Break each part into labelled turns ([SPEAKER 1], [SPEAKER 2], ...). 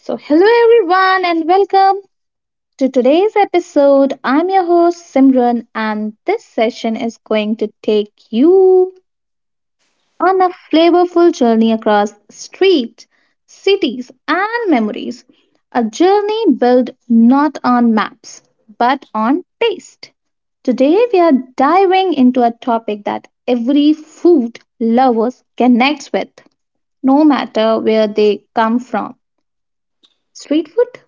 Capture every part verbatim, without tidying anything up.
[SPEAKER 1] So, hello everyone, and welcome to today's episode. I'm your host Simran, and this session is going to take you on a flavorful journey across streets, cities, and memories. A journey built not on maps but on taste. Today, we are diving into a topic that every food lovers connects with, no matter where they come from street food.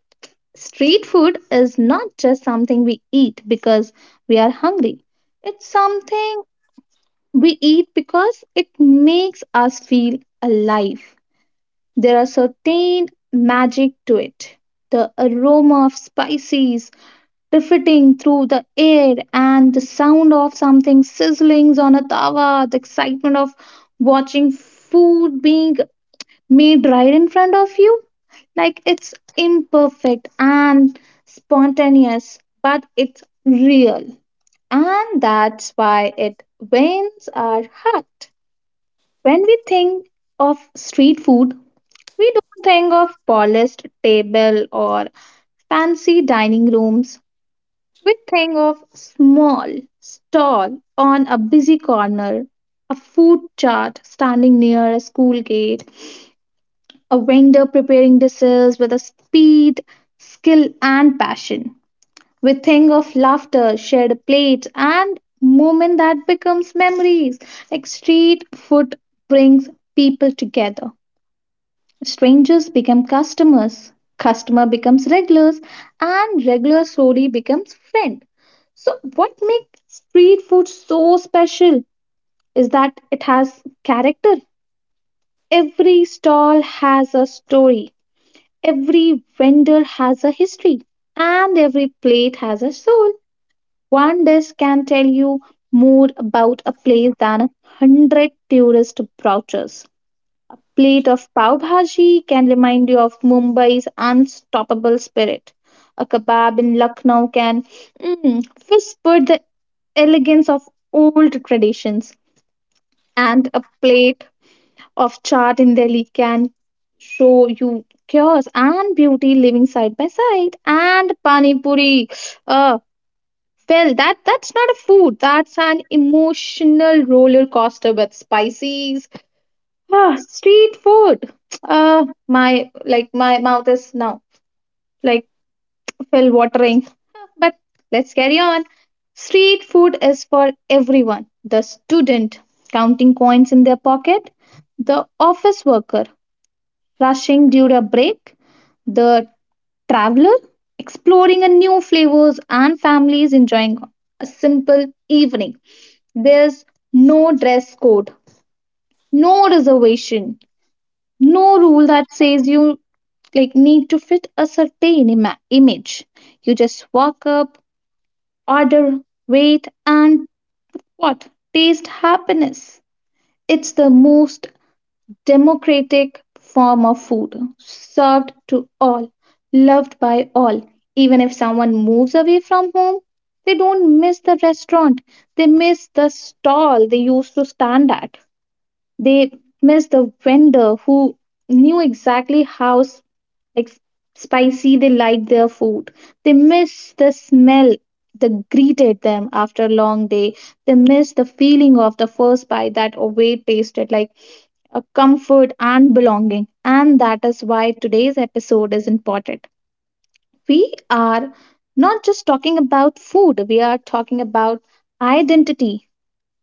[SPEAKER 1] Street food is not just something we eat because we are hungry. It's something we eat because it makes us feel alive. There are certain magic to it. The aroma of spices drifting through the air and the sound of something sizzling on a tawa, the excitement of watching food being made right in front of you. Like it's imperfect and spontaneous, but it's real. And that's why it wins our heart. When we think of street food, we don't think of polished table or fancy dining rooms. We think of small stall on a busy corner, a food chart standing near a school gate, a vendor preparing dishes with a speed, skill, and passion. We think of laughter, shared plates, and moment that becomes memories. Like street food brings people together. Strangers become customers, customer becomes regulars, and regular slowly becomes friend. So, what makes street food so special is that it has character. Every stall has a story. Every vendor has a history, and every plate has a soul. One dish can tell you more about a place than a hundred tourist brochures. A plate of pav bhaji can remind you of Mumbai's unstoppable spirit. A kebab in Lucknow can mm, whisper the elegance of old traditions. And a plate of chaat in Delhi can show you chaos and beauty living side by side. And pani puri, uh, well, that that's not a food. That's an emotional roller coaster with spices. Ah, street food. Uh, my like my mouth is now like fell watering. But let's carry on. Street food is for everyone. The student counting coins in their pocket, the office worker rushing during a break, the traveler exploring a new flavors and families enjoying a simple evening. There's no dress code, no reservation, no rule that says you like need to fit a certain ima- image. You just walk up, order, wait and what? Taste happiness. It's the most democratic form of food served to all, loved by all. Even if someone moves away from home, they don't miss the restaurant, they miss the stall they used to stand at, they miss the vendor who knew exactly how s- ex- spicy they liked their food, they miss the smell that greeted them after a long day, they miss the feeling of the first bite that away tasted like uh, comfort, and belonging. And that is why today's episode is important. We are not just talking about food, we are talking about identity,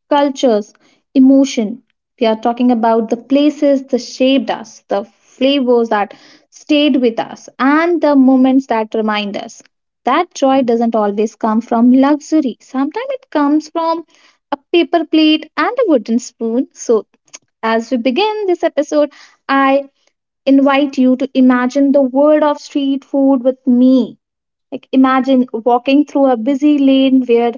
[SPEAKER 1] cultures, emotion. We are talking about the places that shaped us, the flavors that stayed with us, and the moments that remind us. That joy doesn't always come from luxury. Sometimes it comes from a paper plate and a wooden spoon. So as we begin this episode, I invite you to imagine the world of street food with me. Like imagine walking through a busy lane where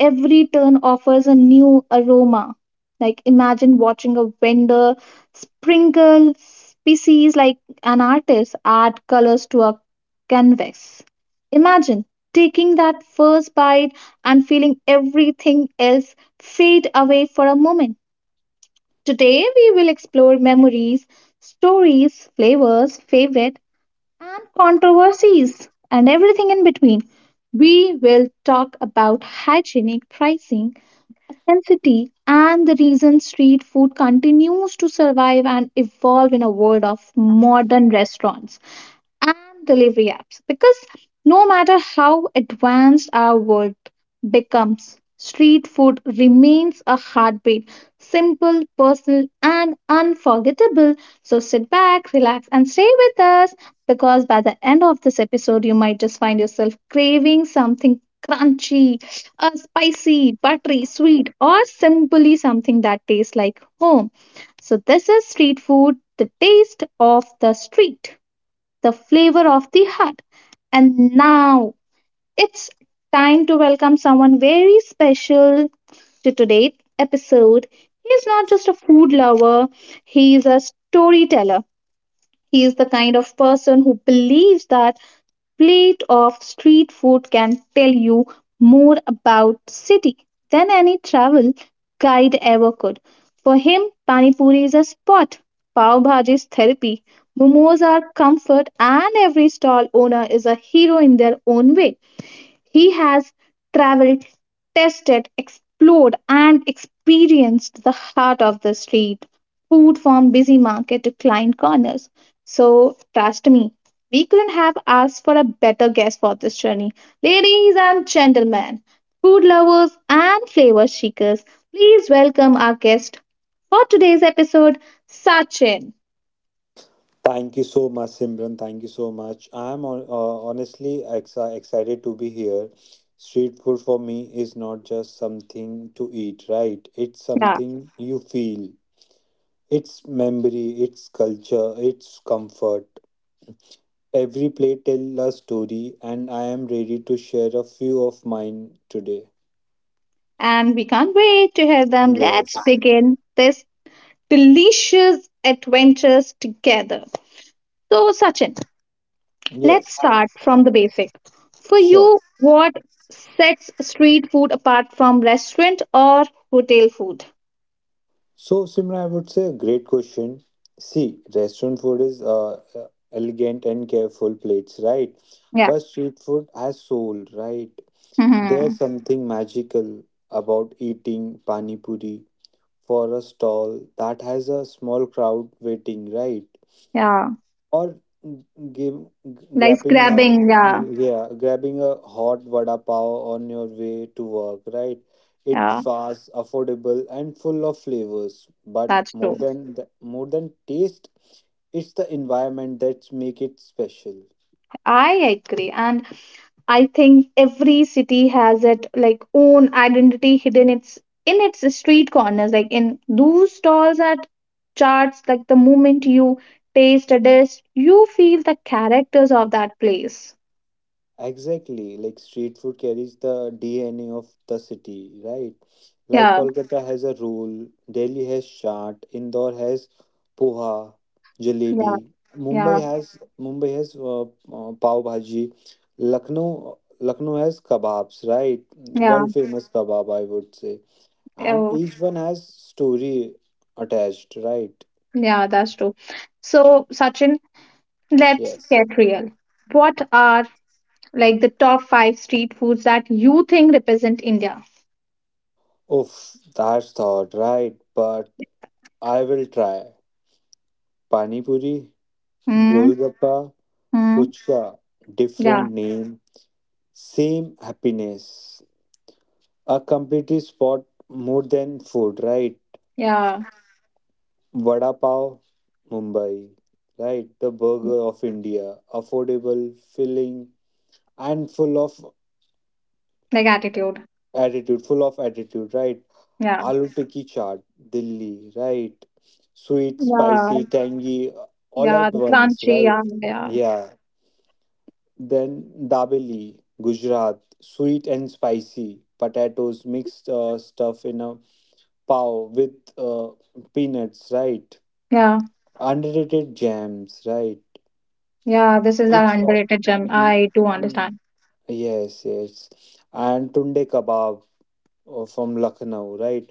[SPEAKER 1] every turn offers a new aroma. Like imagine watching a vendor sprinkle species like an artist add colors to a canvas. Imagine taking that first bite and feeling everything else fade away for a moment. Today, we will explore memories, stories, flavors, favorite, and controversies, and everything in between. We will talk about hygienic pricing, authenticity, and the reason street food continues to survive and evolve in a world of modern restaurants and delivery apps because no matter how advanced our world becomes, street food remains a heartbeat, simple, personal, and unforgettable. So sit back, relax, and stay with us because by the end of this episode, you might just find yourself craving something crunchy, uh, spicy, buttery, sweet, or simply something that tastes like home. So, this is street food, the taste of the street, the flavor of the heart. And now it's time to welcome someone very special to today's episode. He's not just a food lover, he is a storyteller. He is the kind of person who believes that plate of street food can tell you more about city than any travel guide ever could. For him, pani puri is a spot, pav bhaji is therapy, momos are comfort, and every stall owner is a hero in their own way. He has traveled, tested, explored, and experienced the heart of the street food from busy market to client corners. So, trust me, we couldn't have asked for a better guest for this journey. Ladies and gentlemen, food lovers and flavor seekers, please welcome our guest for today's episode, Sachin.
[SPEAKER 2] Thank you so much, Simran. Thank you so much. I'm on, uh, honestly, ex- excited to be here. Street food for me is not just something to eat, right? It's something you feel. It's memory, it's culture, it's comfort. Every plate tells a story, and I am ready to share a few of mine today.
[SPEAKER 1] And we can't wait to hear them. Let's
[SPEAKER 2] Yes.
[SPEAKER 1] begin this delicious adventures together. So, Sachin, let's
[SPEAKER 2] Yes.
[SPEAKER 1] start from the basic. For
[SPEAKER 2] Sure.
[SPEAKER 1] you, what sets street food apart from restaurant or hotel food?
[SPEAKER 2] So, Simran, I would say a great question. See, restaurant food is uh, uh, elegant and careful plates, right?
[SPEAKER 1] Yeah.
[SPEAKER 2] But street food has soul, right? There's
[SPEAKER 1] Hmm.
[SPEAKER 2] something magical about eating pani puri for a stall that has a small crowd waiting, right?
[SPEAKER 1] Yeah.
[SPEAKER 2] Or give,
[SPEAKER 1] Like
[SPEAKER 2] grabbing a
[SPEAKER 1] grabbing. Yeah.
[SPEAKER 2] yeah, grabbing a hot vada pav on your way to work, right?
[SPEAKER 1] Yeah.
[SPEAKER 2] It's fast, affordable, and full of flavors, but
[SPEAKER 1] That's
[SPEAKER 2] more
[SPEAKER 1] true.
[SPEAKER 2] than the, more than taste, it's the environment that's make it special.
[SPEAKER 1] I agree. And I think every city has it like own identity hidden its in its street corners. Like in those stalls at charts, like the moment you taste a dish, you feel the characters of that place.
[SPEAKER 2] Exactly, like street food carries the DNA of the city, right? Like
[SPEAKER 1] Yeah.
[SPEAKER 2] Kolkata has a roll, Delhi has chaat, Indore has poha, jalebi.
[SPEAKER 1] Yeah, yeah,
[SPEAKER 2] Mumbai has Mumbai has uh, uh, pav bhaji. Lucknow Lucknow has kebabs, right?
[SPEAKER 1] yeah,
[SPEAKER 2] World famous kebab, I would say. And
[SPEAKER 1] oh,
[SPEAKER 2] each one has story attached, right?
[SPEAKER 1] yeah, that's true. So, Sachin, let's
[SPEAKER 2] Yes.
[SPEAKER 1] get real. What are like the top five street foods that you think represent India?
[SPEAKER 2] Oof, that's thought, right? But I will try. Pani puri,
[SPEAKER 1] Mm,
[SPEAKER 2] golgappa,
[SPEAKER 1] mm,
[SPEAKER 2] puchka,
[SPEAKER 1] yeah,
[SPEAKER 2] different name, same happiness. A complete spot more than food, right?
[SPEAKER 1] yeah,
[SPEAKER 2] Vada pav, Mumbai, right? The burger of India, affordable, filling, and full of
[SPEAKER 1] like attitude.
[SPEAKER 2] attitude, full of attitude, right?
[SPEAKER 1] Yeah,
[SPEAKER 2] Aloo tikki chaat, Delhi, right? Sweet,
[SPEAKER 1] yeah,
[SPEAKER 2] spicy, tangy, all
[SPEAKER 1] yeah,
[SPEAKER 2] at
[SPEAKER 1] the
[SPEAKER 2] once,
[SPEAKER 1] crunchy.
[SPEAKER 2] right?
[SPEAKER 1] Yeah, yeah,
[SPEAKER 2] Yeah. Then dabeli, Gujarat, sweet and spicy, potatoes mixed uh, stuff in a pav with uh, peanuts, right?
[SPEAKER 1] yeah,
[SPEAKER 2] Underrated jams, right?
[SPEAKER 1] yeah. This is an
[SPEAKER 2] It's uh,
[SPEAKER 1] underrated gem.
[SPEAKER 2] y-
[SPEAKER 1] I do
[SPEAKER 2] y-
[SPEAKER 1] understand.
[SPEAKER 2] yes, yes, and tunde kebab uh, from Lucknow, right?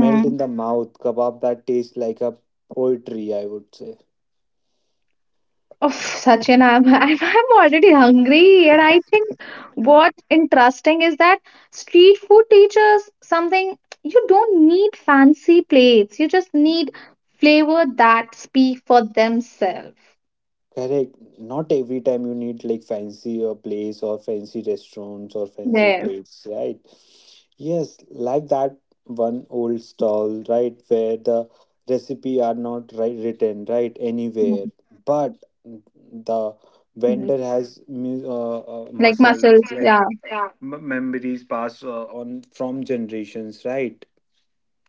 [SPEAKER 2] Melt in the mouth kebab that tastes like a poetry, I would say.
[SPEAKER 1] Oh, Sachin, I'm, I'm I'm already hungry, and I think what's interesting is that street food teaches something you don't need fancy plates. You just need flavor that speak for themselves.
[SPEAKER 2] Correct. Not every time you need like fancy uh, place or fancy restaurants or fancy
[SPEAKER 1] Yes.
[SPEAKER 2] plates, right? Yes, like that one old stall, right, where the recipe are not right written, right, anywhere but the
[SPEAKER 1] Mhm.
[SPEAKER 2] vendor has mu- uh, uh,
[SPEAKER 1] Like
[SPEAKER 2] muscles like
[SPEAKER 1] muscles.
[SPEAKER 2] muscles,
[SPEAKER 1] Yeah.
[SPEAKER 2] yeah. M- memories passed uh, on from generations, right?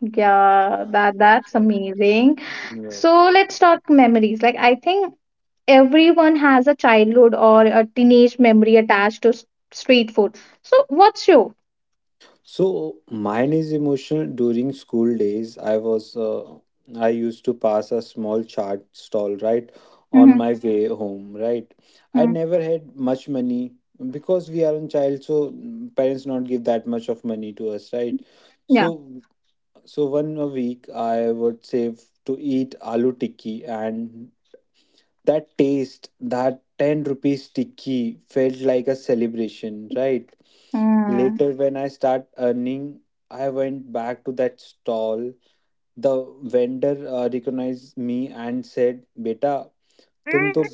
[SPEAKER 1] Yeah, that that's
[SPEAKER 2] Yeah.
[SPEAKER 1] amazing.
[SPEAKER 2] Yeah.
[SPEAKER 1] So let's talk memories. Like I think everyone has a childhood or a teenage memory attached to s- street food. So what's your?
[SPEAKER 2] So mine is emotional. During school days I was uh, I used to pass a small chart stall, right, on my way home, right? I
[SPEAKER 1] Mm,
[SPEAKER 2] never had much money because we are a child, so mm, parents not give that much of money to us, right?
[SPEAKER 1] yeah.
[SPEAKER 2] So so one a week I would save to eat aloo tikki, and that taste, that ten rupees tikki felt like a celebration, right?
[SPEAKER 1] Mm.
[SPEAKER 2] Later when I start earning, I went back to that stall. The vendor uh, recognized me and said, "Beta, tum to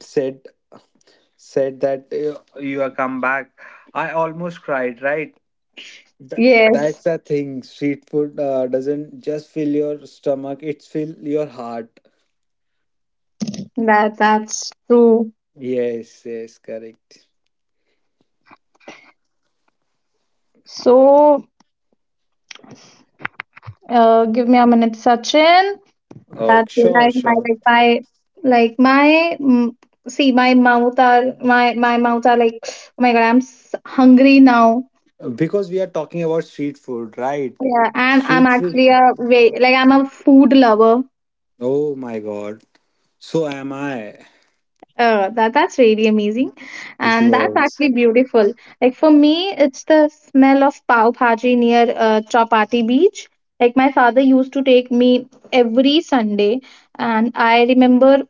[SPEAKER 2] said said that uh, you are come back." I almost cried, right? Th-
[SPEAKER 1] Yes,
[SPEAKER 2] that's the thing. Street food uh, doesn't just fill your stomach; it fill your heart.
[SPEAKER 1] that that's true.
[SPEAKER 2] Yes, yes, correct.
[SPEAKER 1] So, uh, give me a minute, Sachin.
[SPEAKER 2] Oh,
[SPEAKER 1] That
[SPEAKER 2] sure,
[SPEAKER 1] like my
[SPEAKER 2] sure.
[SPEAKER 1] like my like my mm, see my mouth are my my mouth are like oh my God, I'm s hungry now.
[SPEAKER 2] Because we are talking about street food, right?
[SPEAKER 1] Yeah, and I'm
[SPEAKER 2] Street food.
[SPEAKER 1] actually a way like I'm a food lover.
[SPEAKER 2] Oh my God. So am I.
[SPEAKER 1] Uh, that that's really amazing, and that's
[SPEAKER 2] Yes.
[SPEAKER 1] actually beautiful. Like for me, it's the smell of pav bhaji near uh, Chowpatty Beach. Like my father used to take me every Sunday, and I remember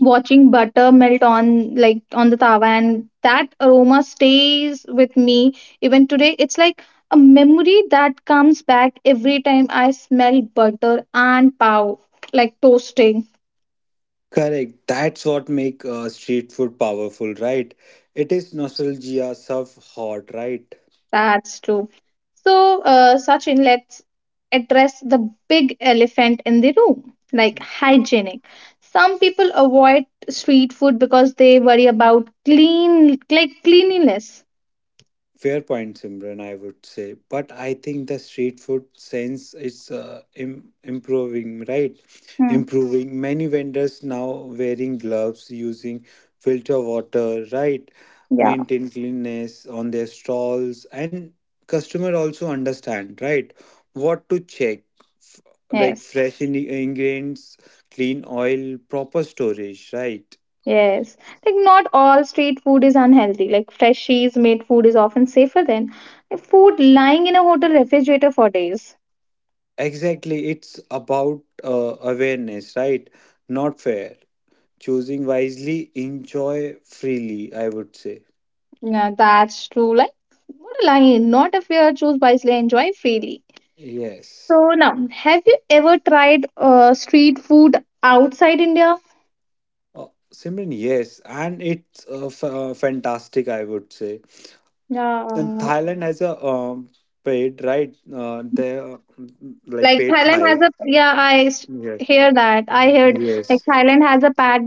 [SPEAKER 1] watching butter melt on like on the tawa, and that aroma stays with me even today. It's like a memory that comes back every time I smell butter and pav like toasting.
[SPEAKER 2] Correct. That's what make uh, street food powerful, right? It is nostalgia served hot, right?
[SPEAKER 1] That's true. So, uh, Sachin, let's address the big elephant in the room, like hygienic. Some people avoid street food because they worry about clean, like cleanliness.
[SPEAKER 2] Fair point, Simran, I would say. But I think the street food sense is uh, Im- improving, right?
[SPEAKER 1] Hmm.
[SPEAKER 2] Improving. Many vendors now wearing gloves, using filter water, right?
[SPEAKER 1] Yeah.
[SPEAKER 2] Maintain cleanliness on their stalls, and customer also understand, right? What to check, f- like
[SPEAKER 1] Yes,
[SPEAKER 2] fresh in- ingredients, clean oil, proper storage, right?
[SPEAKER 1] yes. Like not all street food is unhealthy. Like freshies made food is often safer than food lying in a hotel refrigerator for days.
[SPEAKER 2] Exactly. It's about uh, awareness, right? Not fair. Choosing wisely, enjoy freely, I would say.
[SPEAKER 1] Yeah, that's true. Like what a line. Not a fear. Choose wisely. Enjoy freely.
[SPEAKER 2] Yes.
[SPEAKER 1] So now, have you ever tried uh, street food outside India?
[SPEAKER 2] Oh, Simran, yes. And it's uh, f- uh, fantastic, I would say. And
[SPEAKER 1] Uh,
[SPEAKER 2] Thailand has a um, paid, right? Uh, they uh, like
[SPEAKER 1] like
[SPEAKER 2] paid
[SPEAKER 1] Thailand has
[SPEAKER 2] Thai.
[SPEAKER 1] a yeah, I s-
[SPEAKER 2] Yes.
[SPEAKER 1] hear that. I heard like
[SPEAKER 2] Yes.
[SPEAKER 1] Thailand has a pad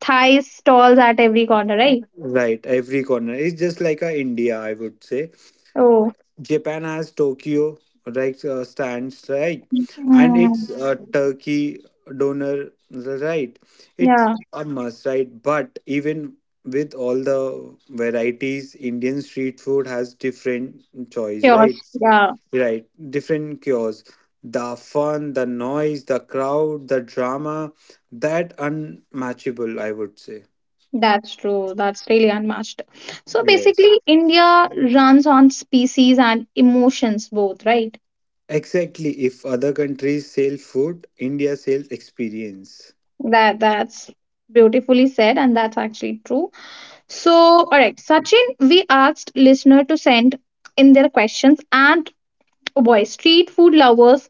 [SPEAKER 1] Thai stalls at every corner, right?
[SPEAKER 2] Right. Every corner. It's just like a India, I would say.
[SPEAKER 1] Oh,
[SPEAKER 2] Japan has Tokyo, right, uh, stands, right? And
[SPEAKER 1] mm,
[SPEAKER 2] it's uh, turkey donor, right? It's
[SPEAKER 1] yeah,
[SPEAKER 2] a must, right? But even with all the varieties, Indian street food has different choice,
[SPEAKER 1] sure.
[SPEAKER 2] right?
[SPEAKER 1] Yeah,
[SPEAKER 2] Right, different cures. The fun, the noise, the crowd, the drama, that unmatchable, I would say.
[SPEAKER 1] that's true. That's really unmatched. So
[SPEAKER 2] Yes.
[SPEAKER 1] basically, India runs on species and emotions both, right?
[SPEAKER 2] Exactly. If other countries sell food, India sells experience.
[SPEAKER 1] That that's beautifully said, and that's actually true. So, all right, Sachin, we asked listener to send in their questions and oh boy, street food lovers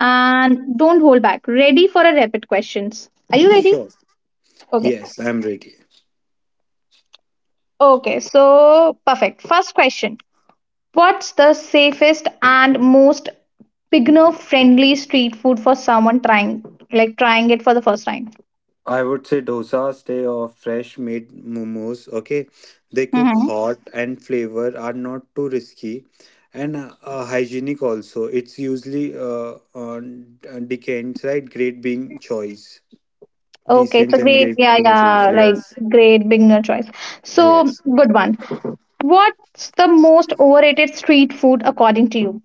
[SPEAKER 1] and don't hold back. Ready for a rapid questions. Are you ready?
[SPEAKER 2] Sure.
[SPEAKER 1] Okay.
[SPEAKER 2] Yes, I'm ready.
[SPEAKER 1] Okay, so perfect. First question. What's the safest and most beginner friendly street food for someone trying like trying it for the first time?
[SPEAKER 2] I would say dosa stay off fresh made momos. Okay, they cook
[SPEAKER 1] Mm-hmm.
[SPEAKER 2] hot and flavor are not too risky, and uh, uh, hygienic also. It's usually uh, on uh, decants, right? Great being choice,
[SPEAKER 1] Okay, it's
[SPEAKER 2] decent
[SPEAKER 1] a
[SPEAKER 2] and
[SPEAKER 1] great
[SPEAKER 2] great
[SPEAKER 1] yeah,
[SPEAKER 2] being choice.
[SPEAKER 1] yeah, like
[SPEAKER 2] Yes,
[SPEAKER 1] great beginner choice. So
[SPEAKER 2] yes.
[SPEAKER 1] good one. What's the most overrated street food according to you?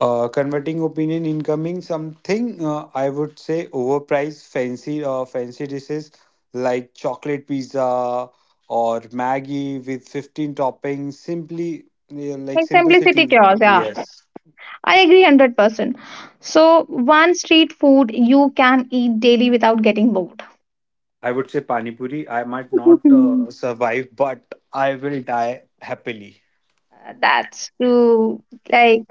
[SPEAKER 2] Uh, converting opinion incoming something uh, I would say overpriced fancy uh, fancy dishes like chocolate pizza or Maggie with fifteen toppings simply, yeah, like
[SPEAKER 1] Like simplicity
[SPEAKER 2] simplicity,
[SPEAKER 1] chaos, yeah.
[SPEAKER 2] yes.
[SPEAKER 1] I agree one hundred percent. So, one street food you can eat daily without getting bored.
[SPEAKER 2] I would say pani puri. I might not uh, survive, but I will die happily.
[SPEAKER 1] That's true. Like,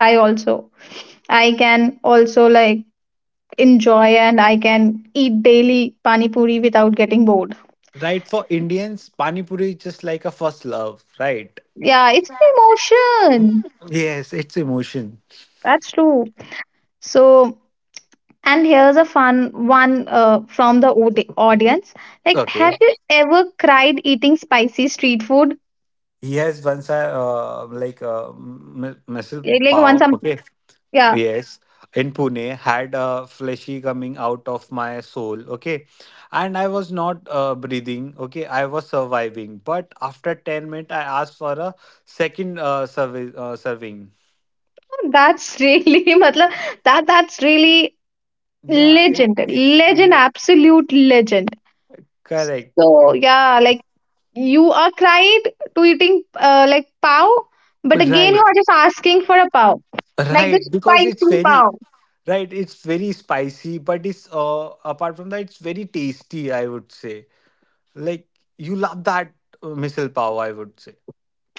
[SPEAKER 1] I also. I can also like enjoy and I can eat daily pani puri without getting bored.
[SPEAKER 2] Right, for Indians, pani puri is just like a first love, right?
[SPEAKER 1] Yeah, it's an emotion.
[SPEAKER 2] Yes, it's emotion.
[SPEAKER 1] That's true. So, and here's a fun one uh, from the audi- audience. Like, have
[SPEAKER 2] Okay.
[SPEAKER 1] you ever cried eating spicy street food?
[SPEAKER 2] He has one side, uh, um, like uh, m-
[SPEAKER 1] Like,
[SPEAKER 2] muscle
[SPEAKER 1] like once
[SPEAKER 2] power.
[SPEAKER 1] I'm,
[SPEAKER 2] Okay.
[SPEAKER 1] yeah,
[SPEAKER 2] Yes. In Pune, had a fleshy coming out of my soul. Okay. And I was not uh, breathing. Okay. I was surviving. But after ten minutes, I asked for a second uh, servi- uh, serving.
[SPEAKER 1] that's really, matlab, that that's really
[SPEAKER 2] Yeah. It's,
[SPEAKER 1] legend, legend,
[SPEAKER 2] yeah.
[SPEAKER 1] absolute legend.
[SPEAKER 2] Correct.
[SPEAKER 1] So yeah, like you are cried to eating uh, like pav, but again you
[SPEAKER 2] Right.
[SPEAKER 1] are just asking for a pav, like the
[SPEAKER 2] Right. Because it's
[SPEAKER 1] spicy
[SPEAKER 2] very
[SPEAKER 1] pav.
[SPEAKER 2] right, it's very spicy, but it's uh, apart from that, it's very tasty, I would say. Like you love that uh, missile power, I would say.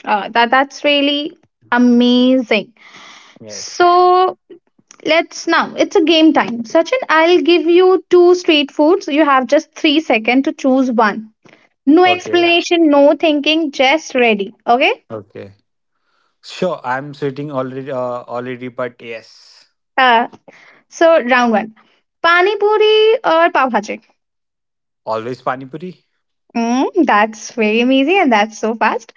[SPEAKER 1] Uh, that that's really amazing.
[SPEAKER 2] Yes.
[SPEAKER 1] So let's now, it's a game time. Sachin, I'll give you two street foods. You have just three seconds to choose one. No
[SPEAKER 2] Okay.
[SPEAKER 1] explanation, no thinking, just ready. Okay?
[SPEAKER 2] Okay. Sure, I'm sweating already. Uh, already, but yes,
[SPEAKER 1] Uh, so, round one. Pani puri or pav bhaji?
[SPEAKER 2] always pani puri.
[SPEAKER 1] Mm, that's very amazing and that's so fast.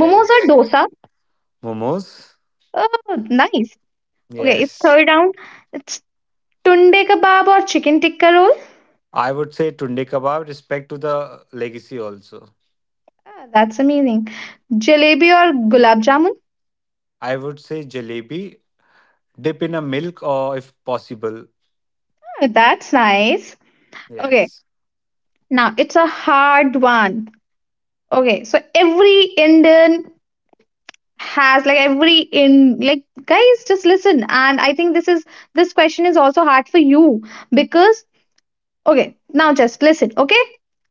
[SPEAKER 1] Momos or dosa?
[SPEAKER 2] Momos.
[SPEAKER 1] Oh, nice. Okay, it's
[SPEAKER 2] Yes.
[SPEAKER 1] third round. It's tunde kebab or chicken tikka roll?
[SPEAKER 2] I would say tunde kebab. Respect to the legacy also.
[SPEAKER 1] Ah, that's amazing. Jalebi or gulab jamun?
[SPEAKER 2] I would say jalebi. Dip in a milk or if possible.
[SPEAKER 1] Ah, that's nice. Okay,
[SPEAKER 2] Yes.
[SPEAKER 1] now it's a hard one. Okay, so every Indian has like every in like guys, just listen, and I think this is this question is also hard for you because okay, now just listen, okay?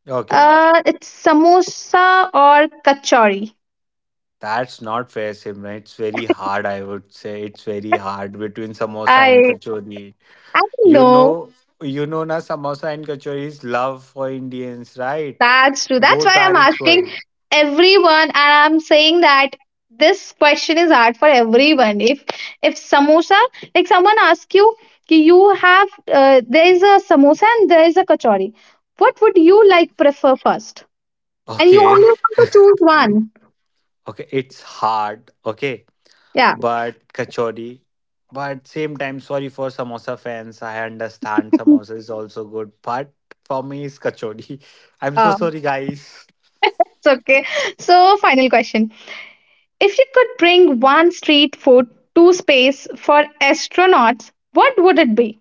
[SPEAKER 2] Okay.
[SPEAKER 1] Uh it's samosa or kachori.
[SPEAKER 2] That's not fair, Simran. It's very hard, I would say. It's very hard between samosa and
[SPEAKER 1] I
[SPEAKER 2] kachori.
[SPEAKER 1] I
[SPEAKER 2] You
[SPEAKER 1] know
[SPEAKER 2] know, you know na samosa and kachori's love for Indians, right?
[SPEAKER 1] That's true. That's
[SPEAKER 2] Both
[SPEAKER 1] why
[SPEAKER 2] are
[SPEAKER 1] I'm asking
[SPEAKER 2] equal.
[SPEAKER 1] everyone, and I'm saying that this question is hard for everyone. If if samosa, like someone asks you, "Ki you have uh, there is a samosa and there is a kachori. What would you like prefer first? And you
[SPEAKER 2] Okay,
[SPEAKER 1] only have to choose one.
[SPEAKER 2] okay, it's hard. Okay,
[SPEAKER 1] Yeah,
[SPEAKER 2] but kachori. But same time, sorry for samosa fans. I understand samosa is also good, but for me it's kachori. I'm so
[SPEAKER 1] uh,
[SPEAKER 2] sorry, guys.
[SPEAKER 1] it's okay. So final question: if you could bring one street food to space for astronauts, what would it be?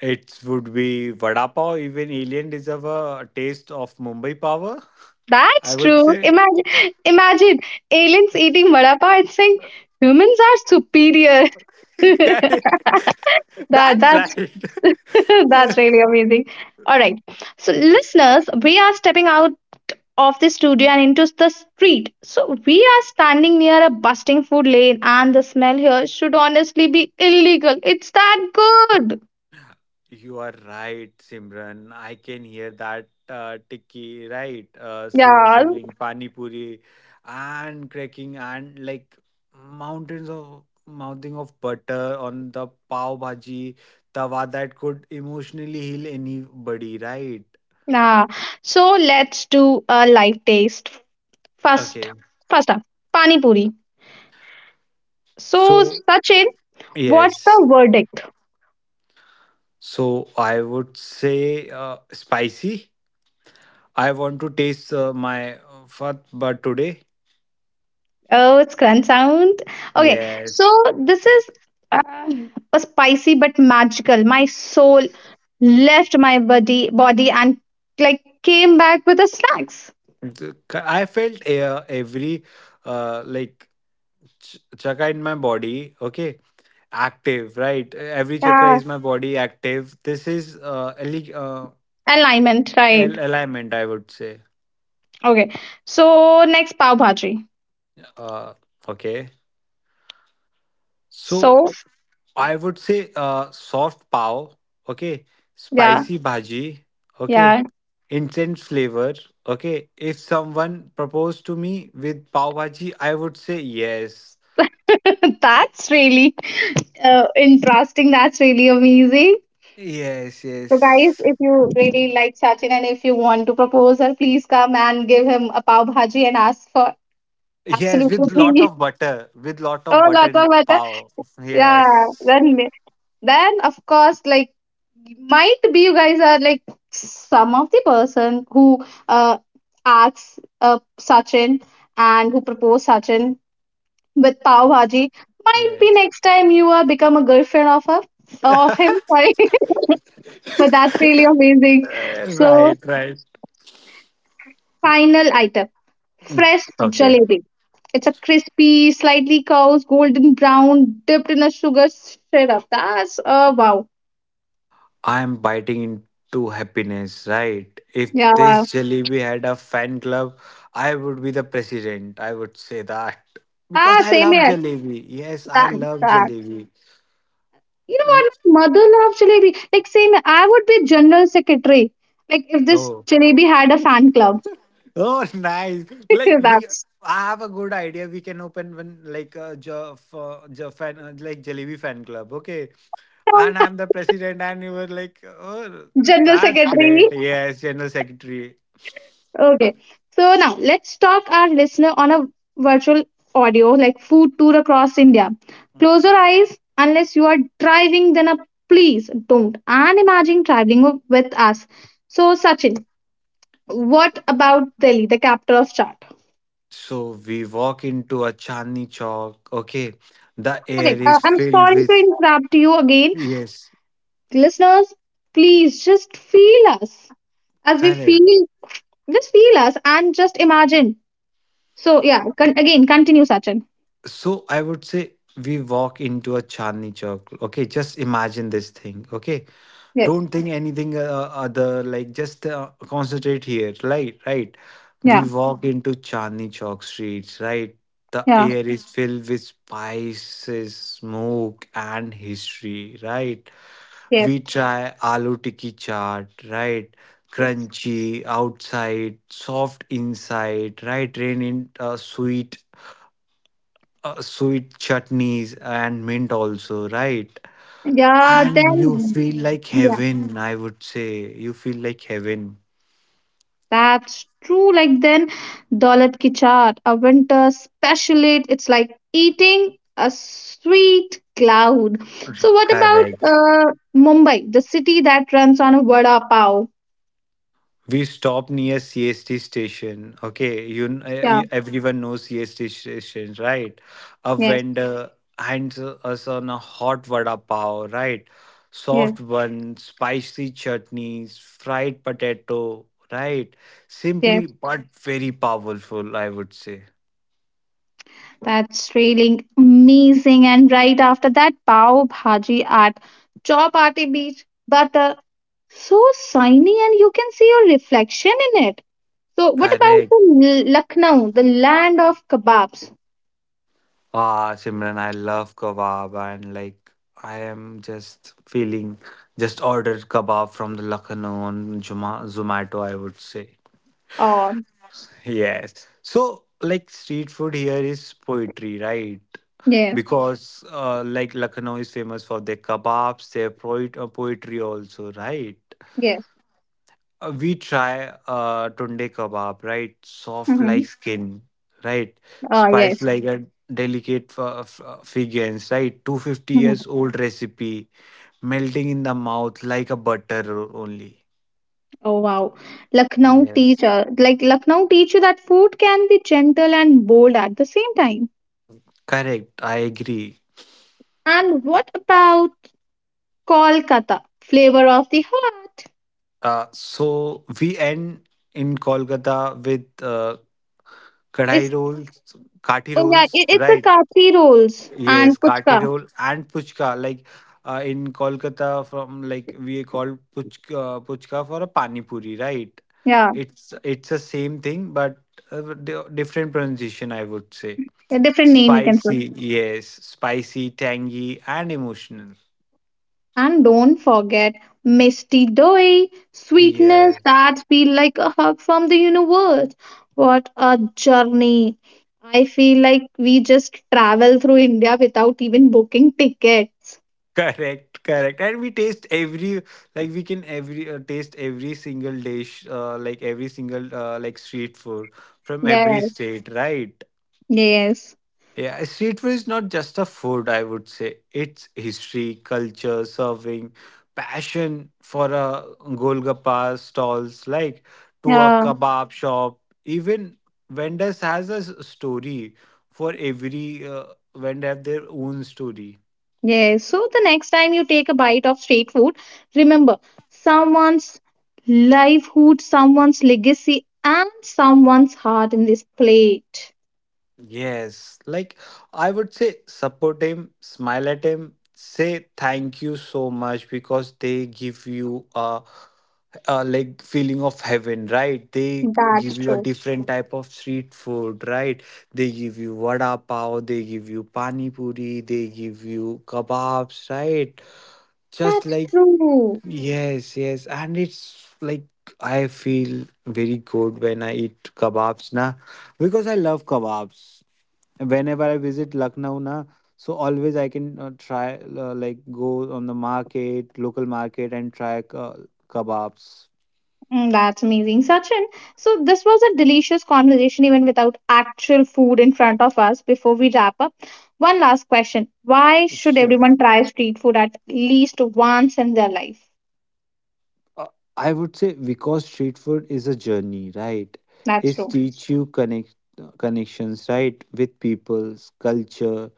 [SPEAKER 2] It would be vada pav. Even alien deserve a taste of Mumbai power.
[SPEAKER 1] That's
[SPEAKER 2] I would
[SPEAKER 1] true.
[SPEAKER 2] say.
[SPEAKER 1] Imagine, imagine aliens eating vada pav and saying humans are superior.
[SPEAKER 2] Correct.
[SPEAKER 1] that
[SPEAKER 2] That's
[SPEAKER 1] that's
[SPEAKER 2] right.
[SPEAKER 1] that's really amazing. All right, so listeners, we are stepping out of the studio and into the street. So we are standing near a busting food lane, and the smell here should honestly be illegal. It's that good.
[SPEAKER 2] You are right, Simran. I can hear that uh, tikki, right? Uh, si-
[SPEAKER 1] Yeah,
[SPEAKER 2] sibling, pani puri, and cracking, and like mountains of mouthing of butter on the pav bhaji tawa that could emotionally heal anybody, right?
[SPEAKER 1] nah. So let's do a live taste first.
[SPEAKER 2] Okay.
[SPEAKER 1] First up, pani puri. So
[SPEAKER 2] So,
[SPEAKER 1] Sachin, what's
[SPEAKER 2] yes.
[SPEAKER 1] the verdict?
[SPEAKER 2] So, I would say uh, spicy. I want to taste uh, my uh, fat, but today.
[SPEAKER 1] Oh, it's crunch sound. Okay, so
[SPEAKER 2] Yes.
[SPEAKER 1] this is uh, a spicy but magical. My soul left my body, body, and like came back with the snacks.
[SPEAKER 2] The- c- I felt uh, every uh, like ch- chakra in my body, okay, active, right? Every chakra
[SPEAKER 1] Yeah,
[SPEAKER 2] is my body active. This is uh, ali- uh,
[SPEAKER 1] alignment, right?
[SPEAKER 2] al- alignment, I would say.
[SPEAKER 1] Okay, so next pav bhaji.
[SPEAKER 2] Uh, okay, so
[SPEAKER 1] So
[SPEAKER 2] I would say uh, soft pav, okay,
[SPEAKER 1] yeah,
[SPEAKER 2] spicy bhaji, okay,
[SPEAKER 1] yeah,
[SPEAKER 2] intense flavor, okay. If someone proposed to me with pav bhaji, I would say yes,
[SPEAKER 1] that's really uh, interesting. That's really amazing.
[SPEAKER 2] yes,
[SPEAKER 1] So, guys,
[SPEAKER 2] yes.
[SPEAKER 1] if you really like Sachin and if you want to propose her, please come and give him a pav bhaji and ask for
[SPEAKER 2] Yes, with lot
[SPEAKER 1] absolutely
[SPEAKER 2] of butter, with lot of
[SPEAKER 1] oh
[SPEAKER 2] butter
[SPEAKER 1] lots of
[SPEAKER 2] in
[SPEAKER 1] butter.
[SPEAKER 2] pav.
[SPEAKER 1] Yeah,
[SPEAKER 2] Yes,
[SPEAKER 1] then then of course, like might be you guys are like some of the person who uh asks uh Sachin and who propose Sachin with pav bhaji. Might be
[SPEAKER 2] yes.
[SPEAKER 1] next time you are become a girlfriend of her of him.
[SPEAKER 2] Right,
[SPEAKER 1] Sorry, but that's really amazing. So.
[SPEAKER 2] right.
[SPEAKER 1] Final item
[SPEAKER 2] Mm.
[SPEAKER 1] fresh
[SPEAKER 2] Okay.
[SPEAKER 1] jalebi. It's a crispy, slightly cow's golden brown, dipped in a sugar syrup. That's uh, wow.
[SPEAKER 2] I'm biting into happiness, right? If
[SPEAKER 1] Yeah.
[SPEAKER 2] this jalebi had a fan club, I would be the president. I would say that.
[SPEAKER 1] Ah,
[SPEAKER 2] Because I
[SPEAKER 1] same
[SPEAKER 2] love
[SPEAKER 1] here.
[SPEAKER 2] jalebi. Yes, I
[SPEAKER 1] That
[SPEAKER 2] love
[SPEAKER 1] that.
[SPEAKER 2] jalebi.
[SPEAKER 1] You know
[SPEAKER 2] L-
[SPEAKER 1] what? My mother loves jalebi. Like same here. I would be general secretary. Like if this
[SPEAKER 2] Oh.
[SPEAKER 1] jalebi had a fan club.
[SPEAKER 2] Oh, nice. Like we,
[SPEAKER 1] That's
[SPEAKER 2] I have a good idea. We can open one like a jo, for, jo fan, uh, like jalebi fan club. Okay, and I'm the president, and you were like, oh,
[SPEAKER 1] general
[SPEAKER 2] that's
[SPEAKER 1] secretary.
[SPEAKER 2] great. Yes, general secretary.
[SPEAKER 1] Okay. So now let's talk our listener on a virtual audio like food tour across India. Close your eyes unless you are driving, then a please don't. And imagine traveling with us. So Sachin, what about Delhi, the capital of chart?
[SPEAKER 2] So we walk into a Chandni Chowk. Okay, the
[SPEAKER 1] Okay,
[SPEAKER 2] air
[SPEAKER 1] uh,
[SPEAKER 2] is
[SPEAKER 1] I'm
[SPEAKER 2] filled
[SPEAKER 1] sorry to
[SPEAKER 2] with
[SPEAKER 1] interrupt you again.
[SPEAKER 2] yes,
[SPEAKER 1] Listeners, please just feel us as we
[SPEAKER 2] correct.
[SPEAKER 1] feel, just feel us and just imagine. So, yeah, con- again, continue, Sachin.
[SPEAKER 2] So I would say we walk into a Chandni Chowk. Okay, just imagine this thing. Okay,
[SPEAKER 1] Yes.
[SPEAKER 2] don't think anything uh, uh, other, like just uh, concentrate here, right, right? We
[SPEAKER 1] Yeah,
[SPEAKER 2] walk Mhm. into Chandni Chowk streets, right? The
[SPEAKER 1] yeah.
[SPEAKER 2] air is yeah, filled with spices, smoke, and history, right?
[SPEAKER 1] Yes.
[SPEAKER 2] We try aloo tikki chaat, right? Crunchy outside, soft inside, right, rain in uh, sweet uh, sweet chutneys and mint also, right?
[SPEAKER 1] Yeah,
[SPEAKER 2] And you
[SPEAKER 1] then
[SPEAKER 2] feel like
[SPEAKER 1] yeah,
[SPEAKER 2] heaven, I would say. You feel like heaven.
[SPEAKER 1] that's true. Like then Daulat ki chaat, a winter special. It it's like eating a sweet cloud. So what about
[SPEAKER 2] Correct.
[SPEAKER 1] uh Mumbai, the city that runs on a vada pav?
[SPEAKER 2] We stopped near C S T station. Okay, you, kn- uh,
[SPEAKER 1] Yeah,
[SPEAKER 2] you- everyone knows C S T station, right? A
[SPEAKER 1] yes,
[SPEAKER 2] vendor hands us on a hot vada pav, right?
[SPEAKER 1] yes,
[SPEAKER 2] Soft bun, spicy chutneys, fried potato, right?
[SPEAKER 1] yes.
[SPEAKER 2] Simply but very powerful, I would say.
[SPEAKER 1] That's really amazing. And right after that, pav bhaji at Chowpatty Beach. But so shiny, and you can see your reflection in it. So, what about
[SPEAKER 2] Correct.
[SPEAKER 1] the L- Lucknow, the land of kebabs?
[SPEAKER 2] Ah, Simran, I love kebab, and like I am just feeling just ordered kebab from the Lucknow on Juma Zomato, I would say.
[SPEAKER 1] Oh,
[SPEAKER 2] Yes. So like street food here is poetry, right?
[SPEAKER 1] yeah,
[SPEAKER 2] Because uh, like Lucknow is famous for their kebabs, their poet uh, poetry also, right?
[SPEAKER 1] yes.
[SPEAKER 2] Uh, we try uh tunde kebab, right? Soft like
[SPEAKER 1] Mm-hmm.
[SPEAKER 2] skin, right?
[SPEAKER 1] Oh,
[SPEAKER 2] Spice
[SPEAKER 1] yes.
[SPEAKER 2] like a delicate f- f- figures, right? two hundred fifty
[SPEAKER 1] Mhm.
[SPEAKER 2] years old recipe, melting in the mouth like a butter o- only.
[SPEAKER 1] Oh, wow. Lucknow
[SPEAKER 2] Yes.
[SPEAKER 1] teacher, like Lucknow teacher, that food can be gentle and bold at the same time.
[SPEAKER 2] Correct, I agree.
[SPEAKER 1] And what about Kolkata, flavor of the heart?
[SPEAKER 2] Uh, so we end in Kolkata with uh,
[SPEAKER 1] It's
[SPEAKER 2] kadai rolls, kati
[SPEAKER 1] oh yeah, it,
[SPEAKER 2] rolls,
[SPEAKER 1] it's the
[SPEAKER 2] right?
[SPEAKER 1] kathi rolls and
[SPEAKER 2] Yes, kati
[SPEAKER 1] puchka.
[SPEAKER 2] roll and puchka. Like uh, in Kolkata, from like we call puchka uh, puchka for a pani puri, right?
[SPEAKER 1] Yeah,
[SPEAKER 2] It's it's the same thing, but uh, di- different pronunciation, I would say.
[SPEAKER 1] a different name you can say.
[SPEAKER 2] Spicy, yes, spicy, tangy, and emotional.
[SPEAKER 1] And don't forget Misty Doi, sweetness
[SPEAKER 2] Yes,
[SPEAKER 1] that feel like a hug from the universe. What a journey. I feel like we just travel through India without even booking tickets.
[SPEAKER 2] correct, correct. And we taste every like we can every uh, taste every single dish, uh, like every single uh, like street food from every
[SPEAKER 1] Yes,
[SPEAKER 2] state, right?
[SPEAKER 1] yes.
[SPEAKER 2] Yeah, street food is not just a food, I would say. It's history, culture, serving, passion for a golgappa stalls, like to a
[SPEAKER 1] Yeah,
[SPEAKER 2] kebab shop. Even vendors has a s- story for every uh, vendor have their own story.
[SPEAKER 1] yes. So the next time you take a bite of street food, remember someone's livelihood, someone's legacy, and someone's heart in this plate.
[SPEAKER 2] Yes, like I would say support him, smile at him, say thank you so much because they give you a, a like feeling of heaven, right? They give
[SPEAKER 1] That's
[SPEAKER 2] you a
[SPEAKER 1] true.
[SPEAKER 2] different type of street food, right? They give you vada pav, they give you pani puri, they give you kebabs, right? Just
[SPEAKER 1] That's
[SPEAKER 2] like
[SPEAKER 1] true.
[SPEAKER 2] yes, yes, and it's like I feel very good when I eat kebabs, na, because I love kebabs whenever I visit Lucknow, na, so always I can uh, try uh, like go on the market, local market, and try uh, kebabs.
[SPEAKER 1] Mm, that's amazing, Sachin. So, this was a delicious conversation, even without actual food in front of us. Before we wrap up, one last question: why should
[SPEAKER 2] Sure.
[SPEAKER 1] everyone try street food at least once in their life?
[SPEAKER 2] Uh, I would say because street food is a journey, right?
[SPEAKER 1] That's
[SPEAKER 2] It
[SPEAKER 1] true.
[SPEAKER 2] teach you connect uh, connections, right, with people's culture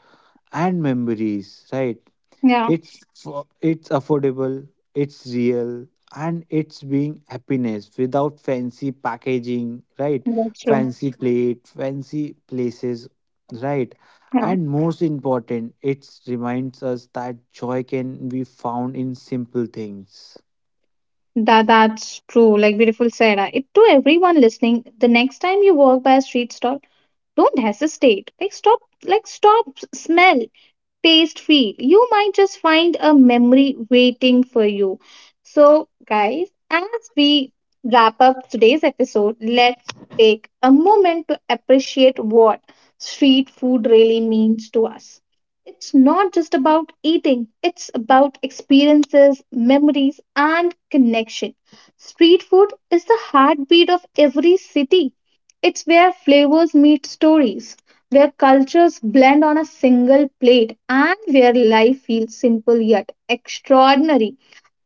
[SPEAKER 2] and memories, right?
[SPEAKER 1] Yeah,
[SPEAKER 2] It's fo- it's affordable, it's real, and it's being happiness without fancy packaging, right?
[SPEAKER 1] that's true.
[SPEAKER 2] Fancy that's plate, fancy places, right?
[SPEAKER 1] Yeah.
[SPEAKER 2] And most important, it reminds us that joy can be found in simple things.
[SPEAKER 1] That that's true. Like beautiful said. Uh, It to everyone listening, the next time you walk by a street stall, don't hesitate. Like stop, like stop, s- smell, taste feel. You might just find a memory waiting for you. So, guys, as we wrap up today's episode, let's take a moment to appreciate what street food really means to us. It's not just about eating, it's about experiences, memories, and connection. Street food is the heartbeat of every city. It's where flavors meet stories, where cultures blend on a single plate and where life feels simple yet extraordinary.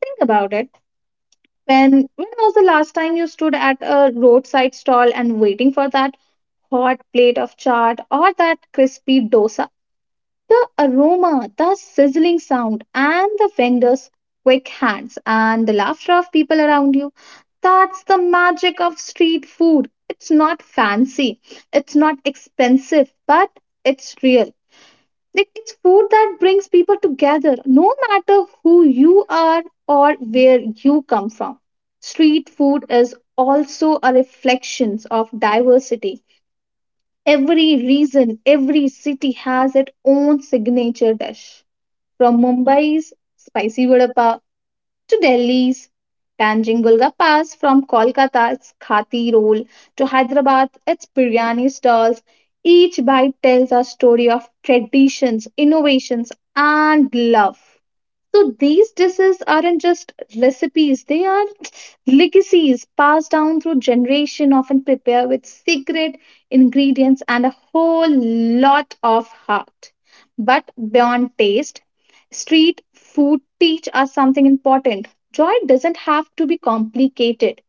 [SPEAKER 1] Think about it. When when was the last time you stood at a roadside stall and waiting for that hot plate of chaat or that crispy dosa? The aroma, the sizzling sound, and the vendor's quick hands and the laughter of people around you. That's the magic of street food. It's not fancy, it's not expensive, but it's real like it's food that brings people together, no matter who you are or where you come from. Street food is also a reflection of diversity. Every region, every city has its own signature dish. From Mumbai's spicy vada pav to Delhi's Tanjung Gulga Pass, from Kolkata's it's Khati roll, to Hyderabad, it's biryani stalls. Each bite tells a story of traditions, innovations, and love. So these dishes aren't just recipes, they are legacies passed down through generation, often prepared with secret ingredients and a whole lot of heart. But beyond taste, street food teach us something important. Joy doesn't have to be complicated.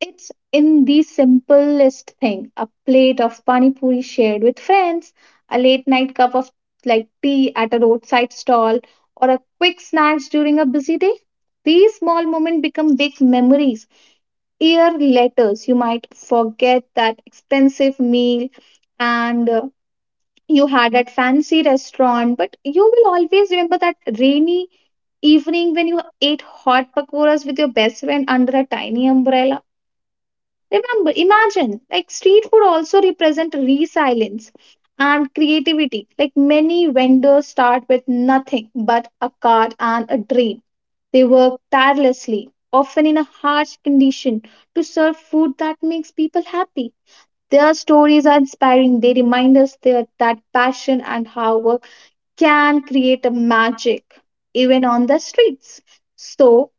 [SPEAKER 1] It's in the simplest thing a plate of pani puri shared with friends, a late night cup of like tea at a roadside stall, or a quick snacks during a busy day. These small moments become big memories. Year later, you might forget that expensive meal and uh, you had that fancy restaurant, but you will always remember that rainy evening when you ate hot pakoras with your best friend under a tiny umbrella. Remember, imagine like street food also represent resilience and creativity. Like many vendors start with nothing but a cart and a dream. They work tirelessly, often in a harsh condition, to serve food that makes people happy. Their stories are inspiring. They remind us that, that passion and hard work can create a magic even on the streets. So,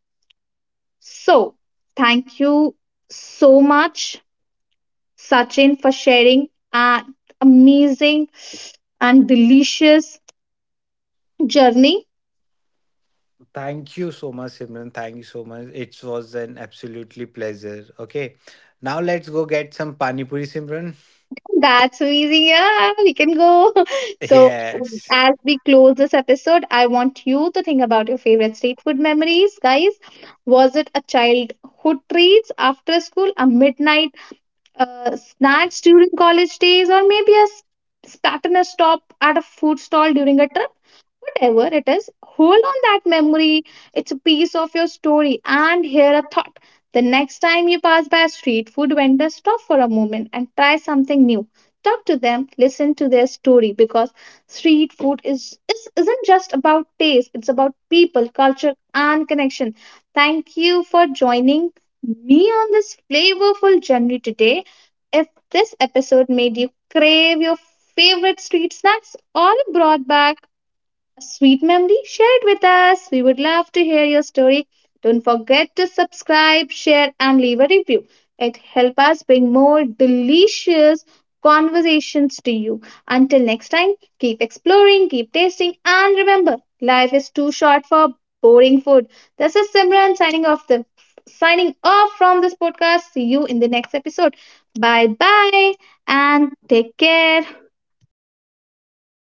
[SPEAKER 1] so thank you so much Sachin, for sharing an amazing and delicious journey.
[SPEAKER 2] Thank you so much, Simran. Thank you so much. It was an absolutely pleasure. Okay. Now let's go get some pani puri, Simran.
[SPEAKER 1] That's amazing. Yeah, we can go. So,
[SPEAKER 2] Yes.
[SPEAKER 1] as we close this episode, I want you to think about your favorite street food memories, guys. Was it a childhood treats after school, a midnight uh, snacks during college days, or maybe a s- spontaneous stop at a food stall during a trip? Whatever it is, hold on that memory. It's a piece of your story. And here a thought. The next time you pass by a street food vendor, stop for a moment and try something new. Talk to them, listen to their story because street food is, is isn't just about taste, it's about people, culture, and connection. Thank you for joining me on this flavorful journey today. If this episode made you crave your favorite street snacks or brought back a sweet memory? Share it with us. We would love to hear your story. Don't forget to subscribe, share, and leave a review. It helps us bring more delicious conversations to you. Until next time, keep exploring, keep tasting, and remember, life is too short for boring food. This is Simran signing off the signing off from this podcast. See you in the next episode. Bye bye and take care.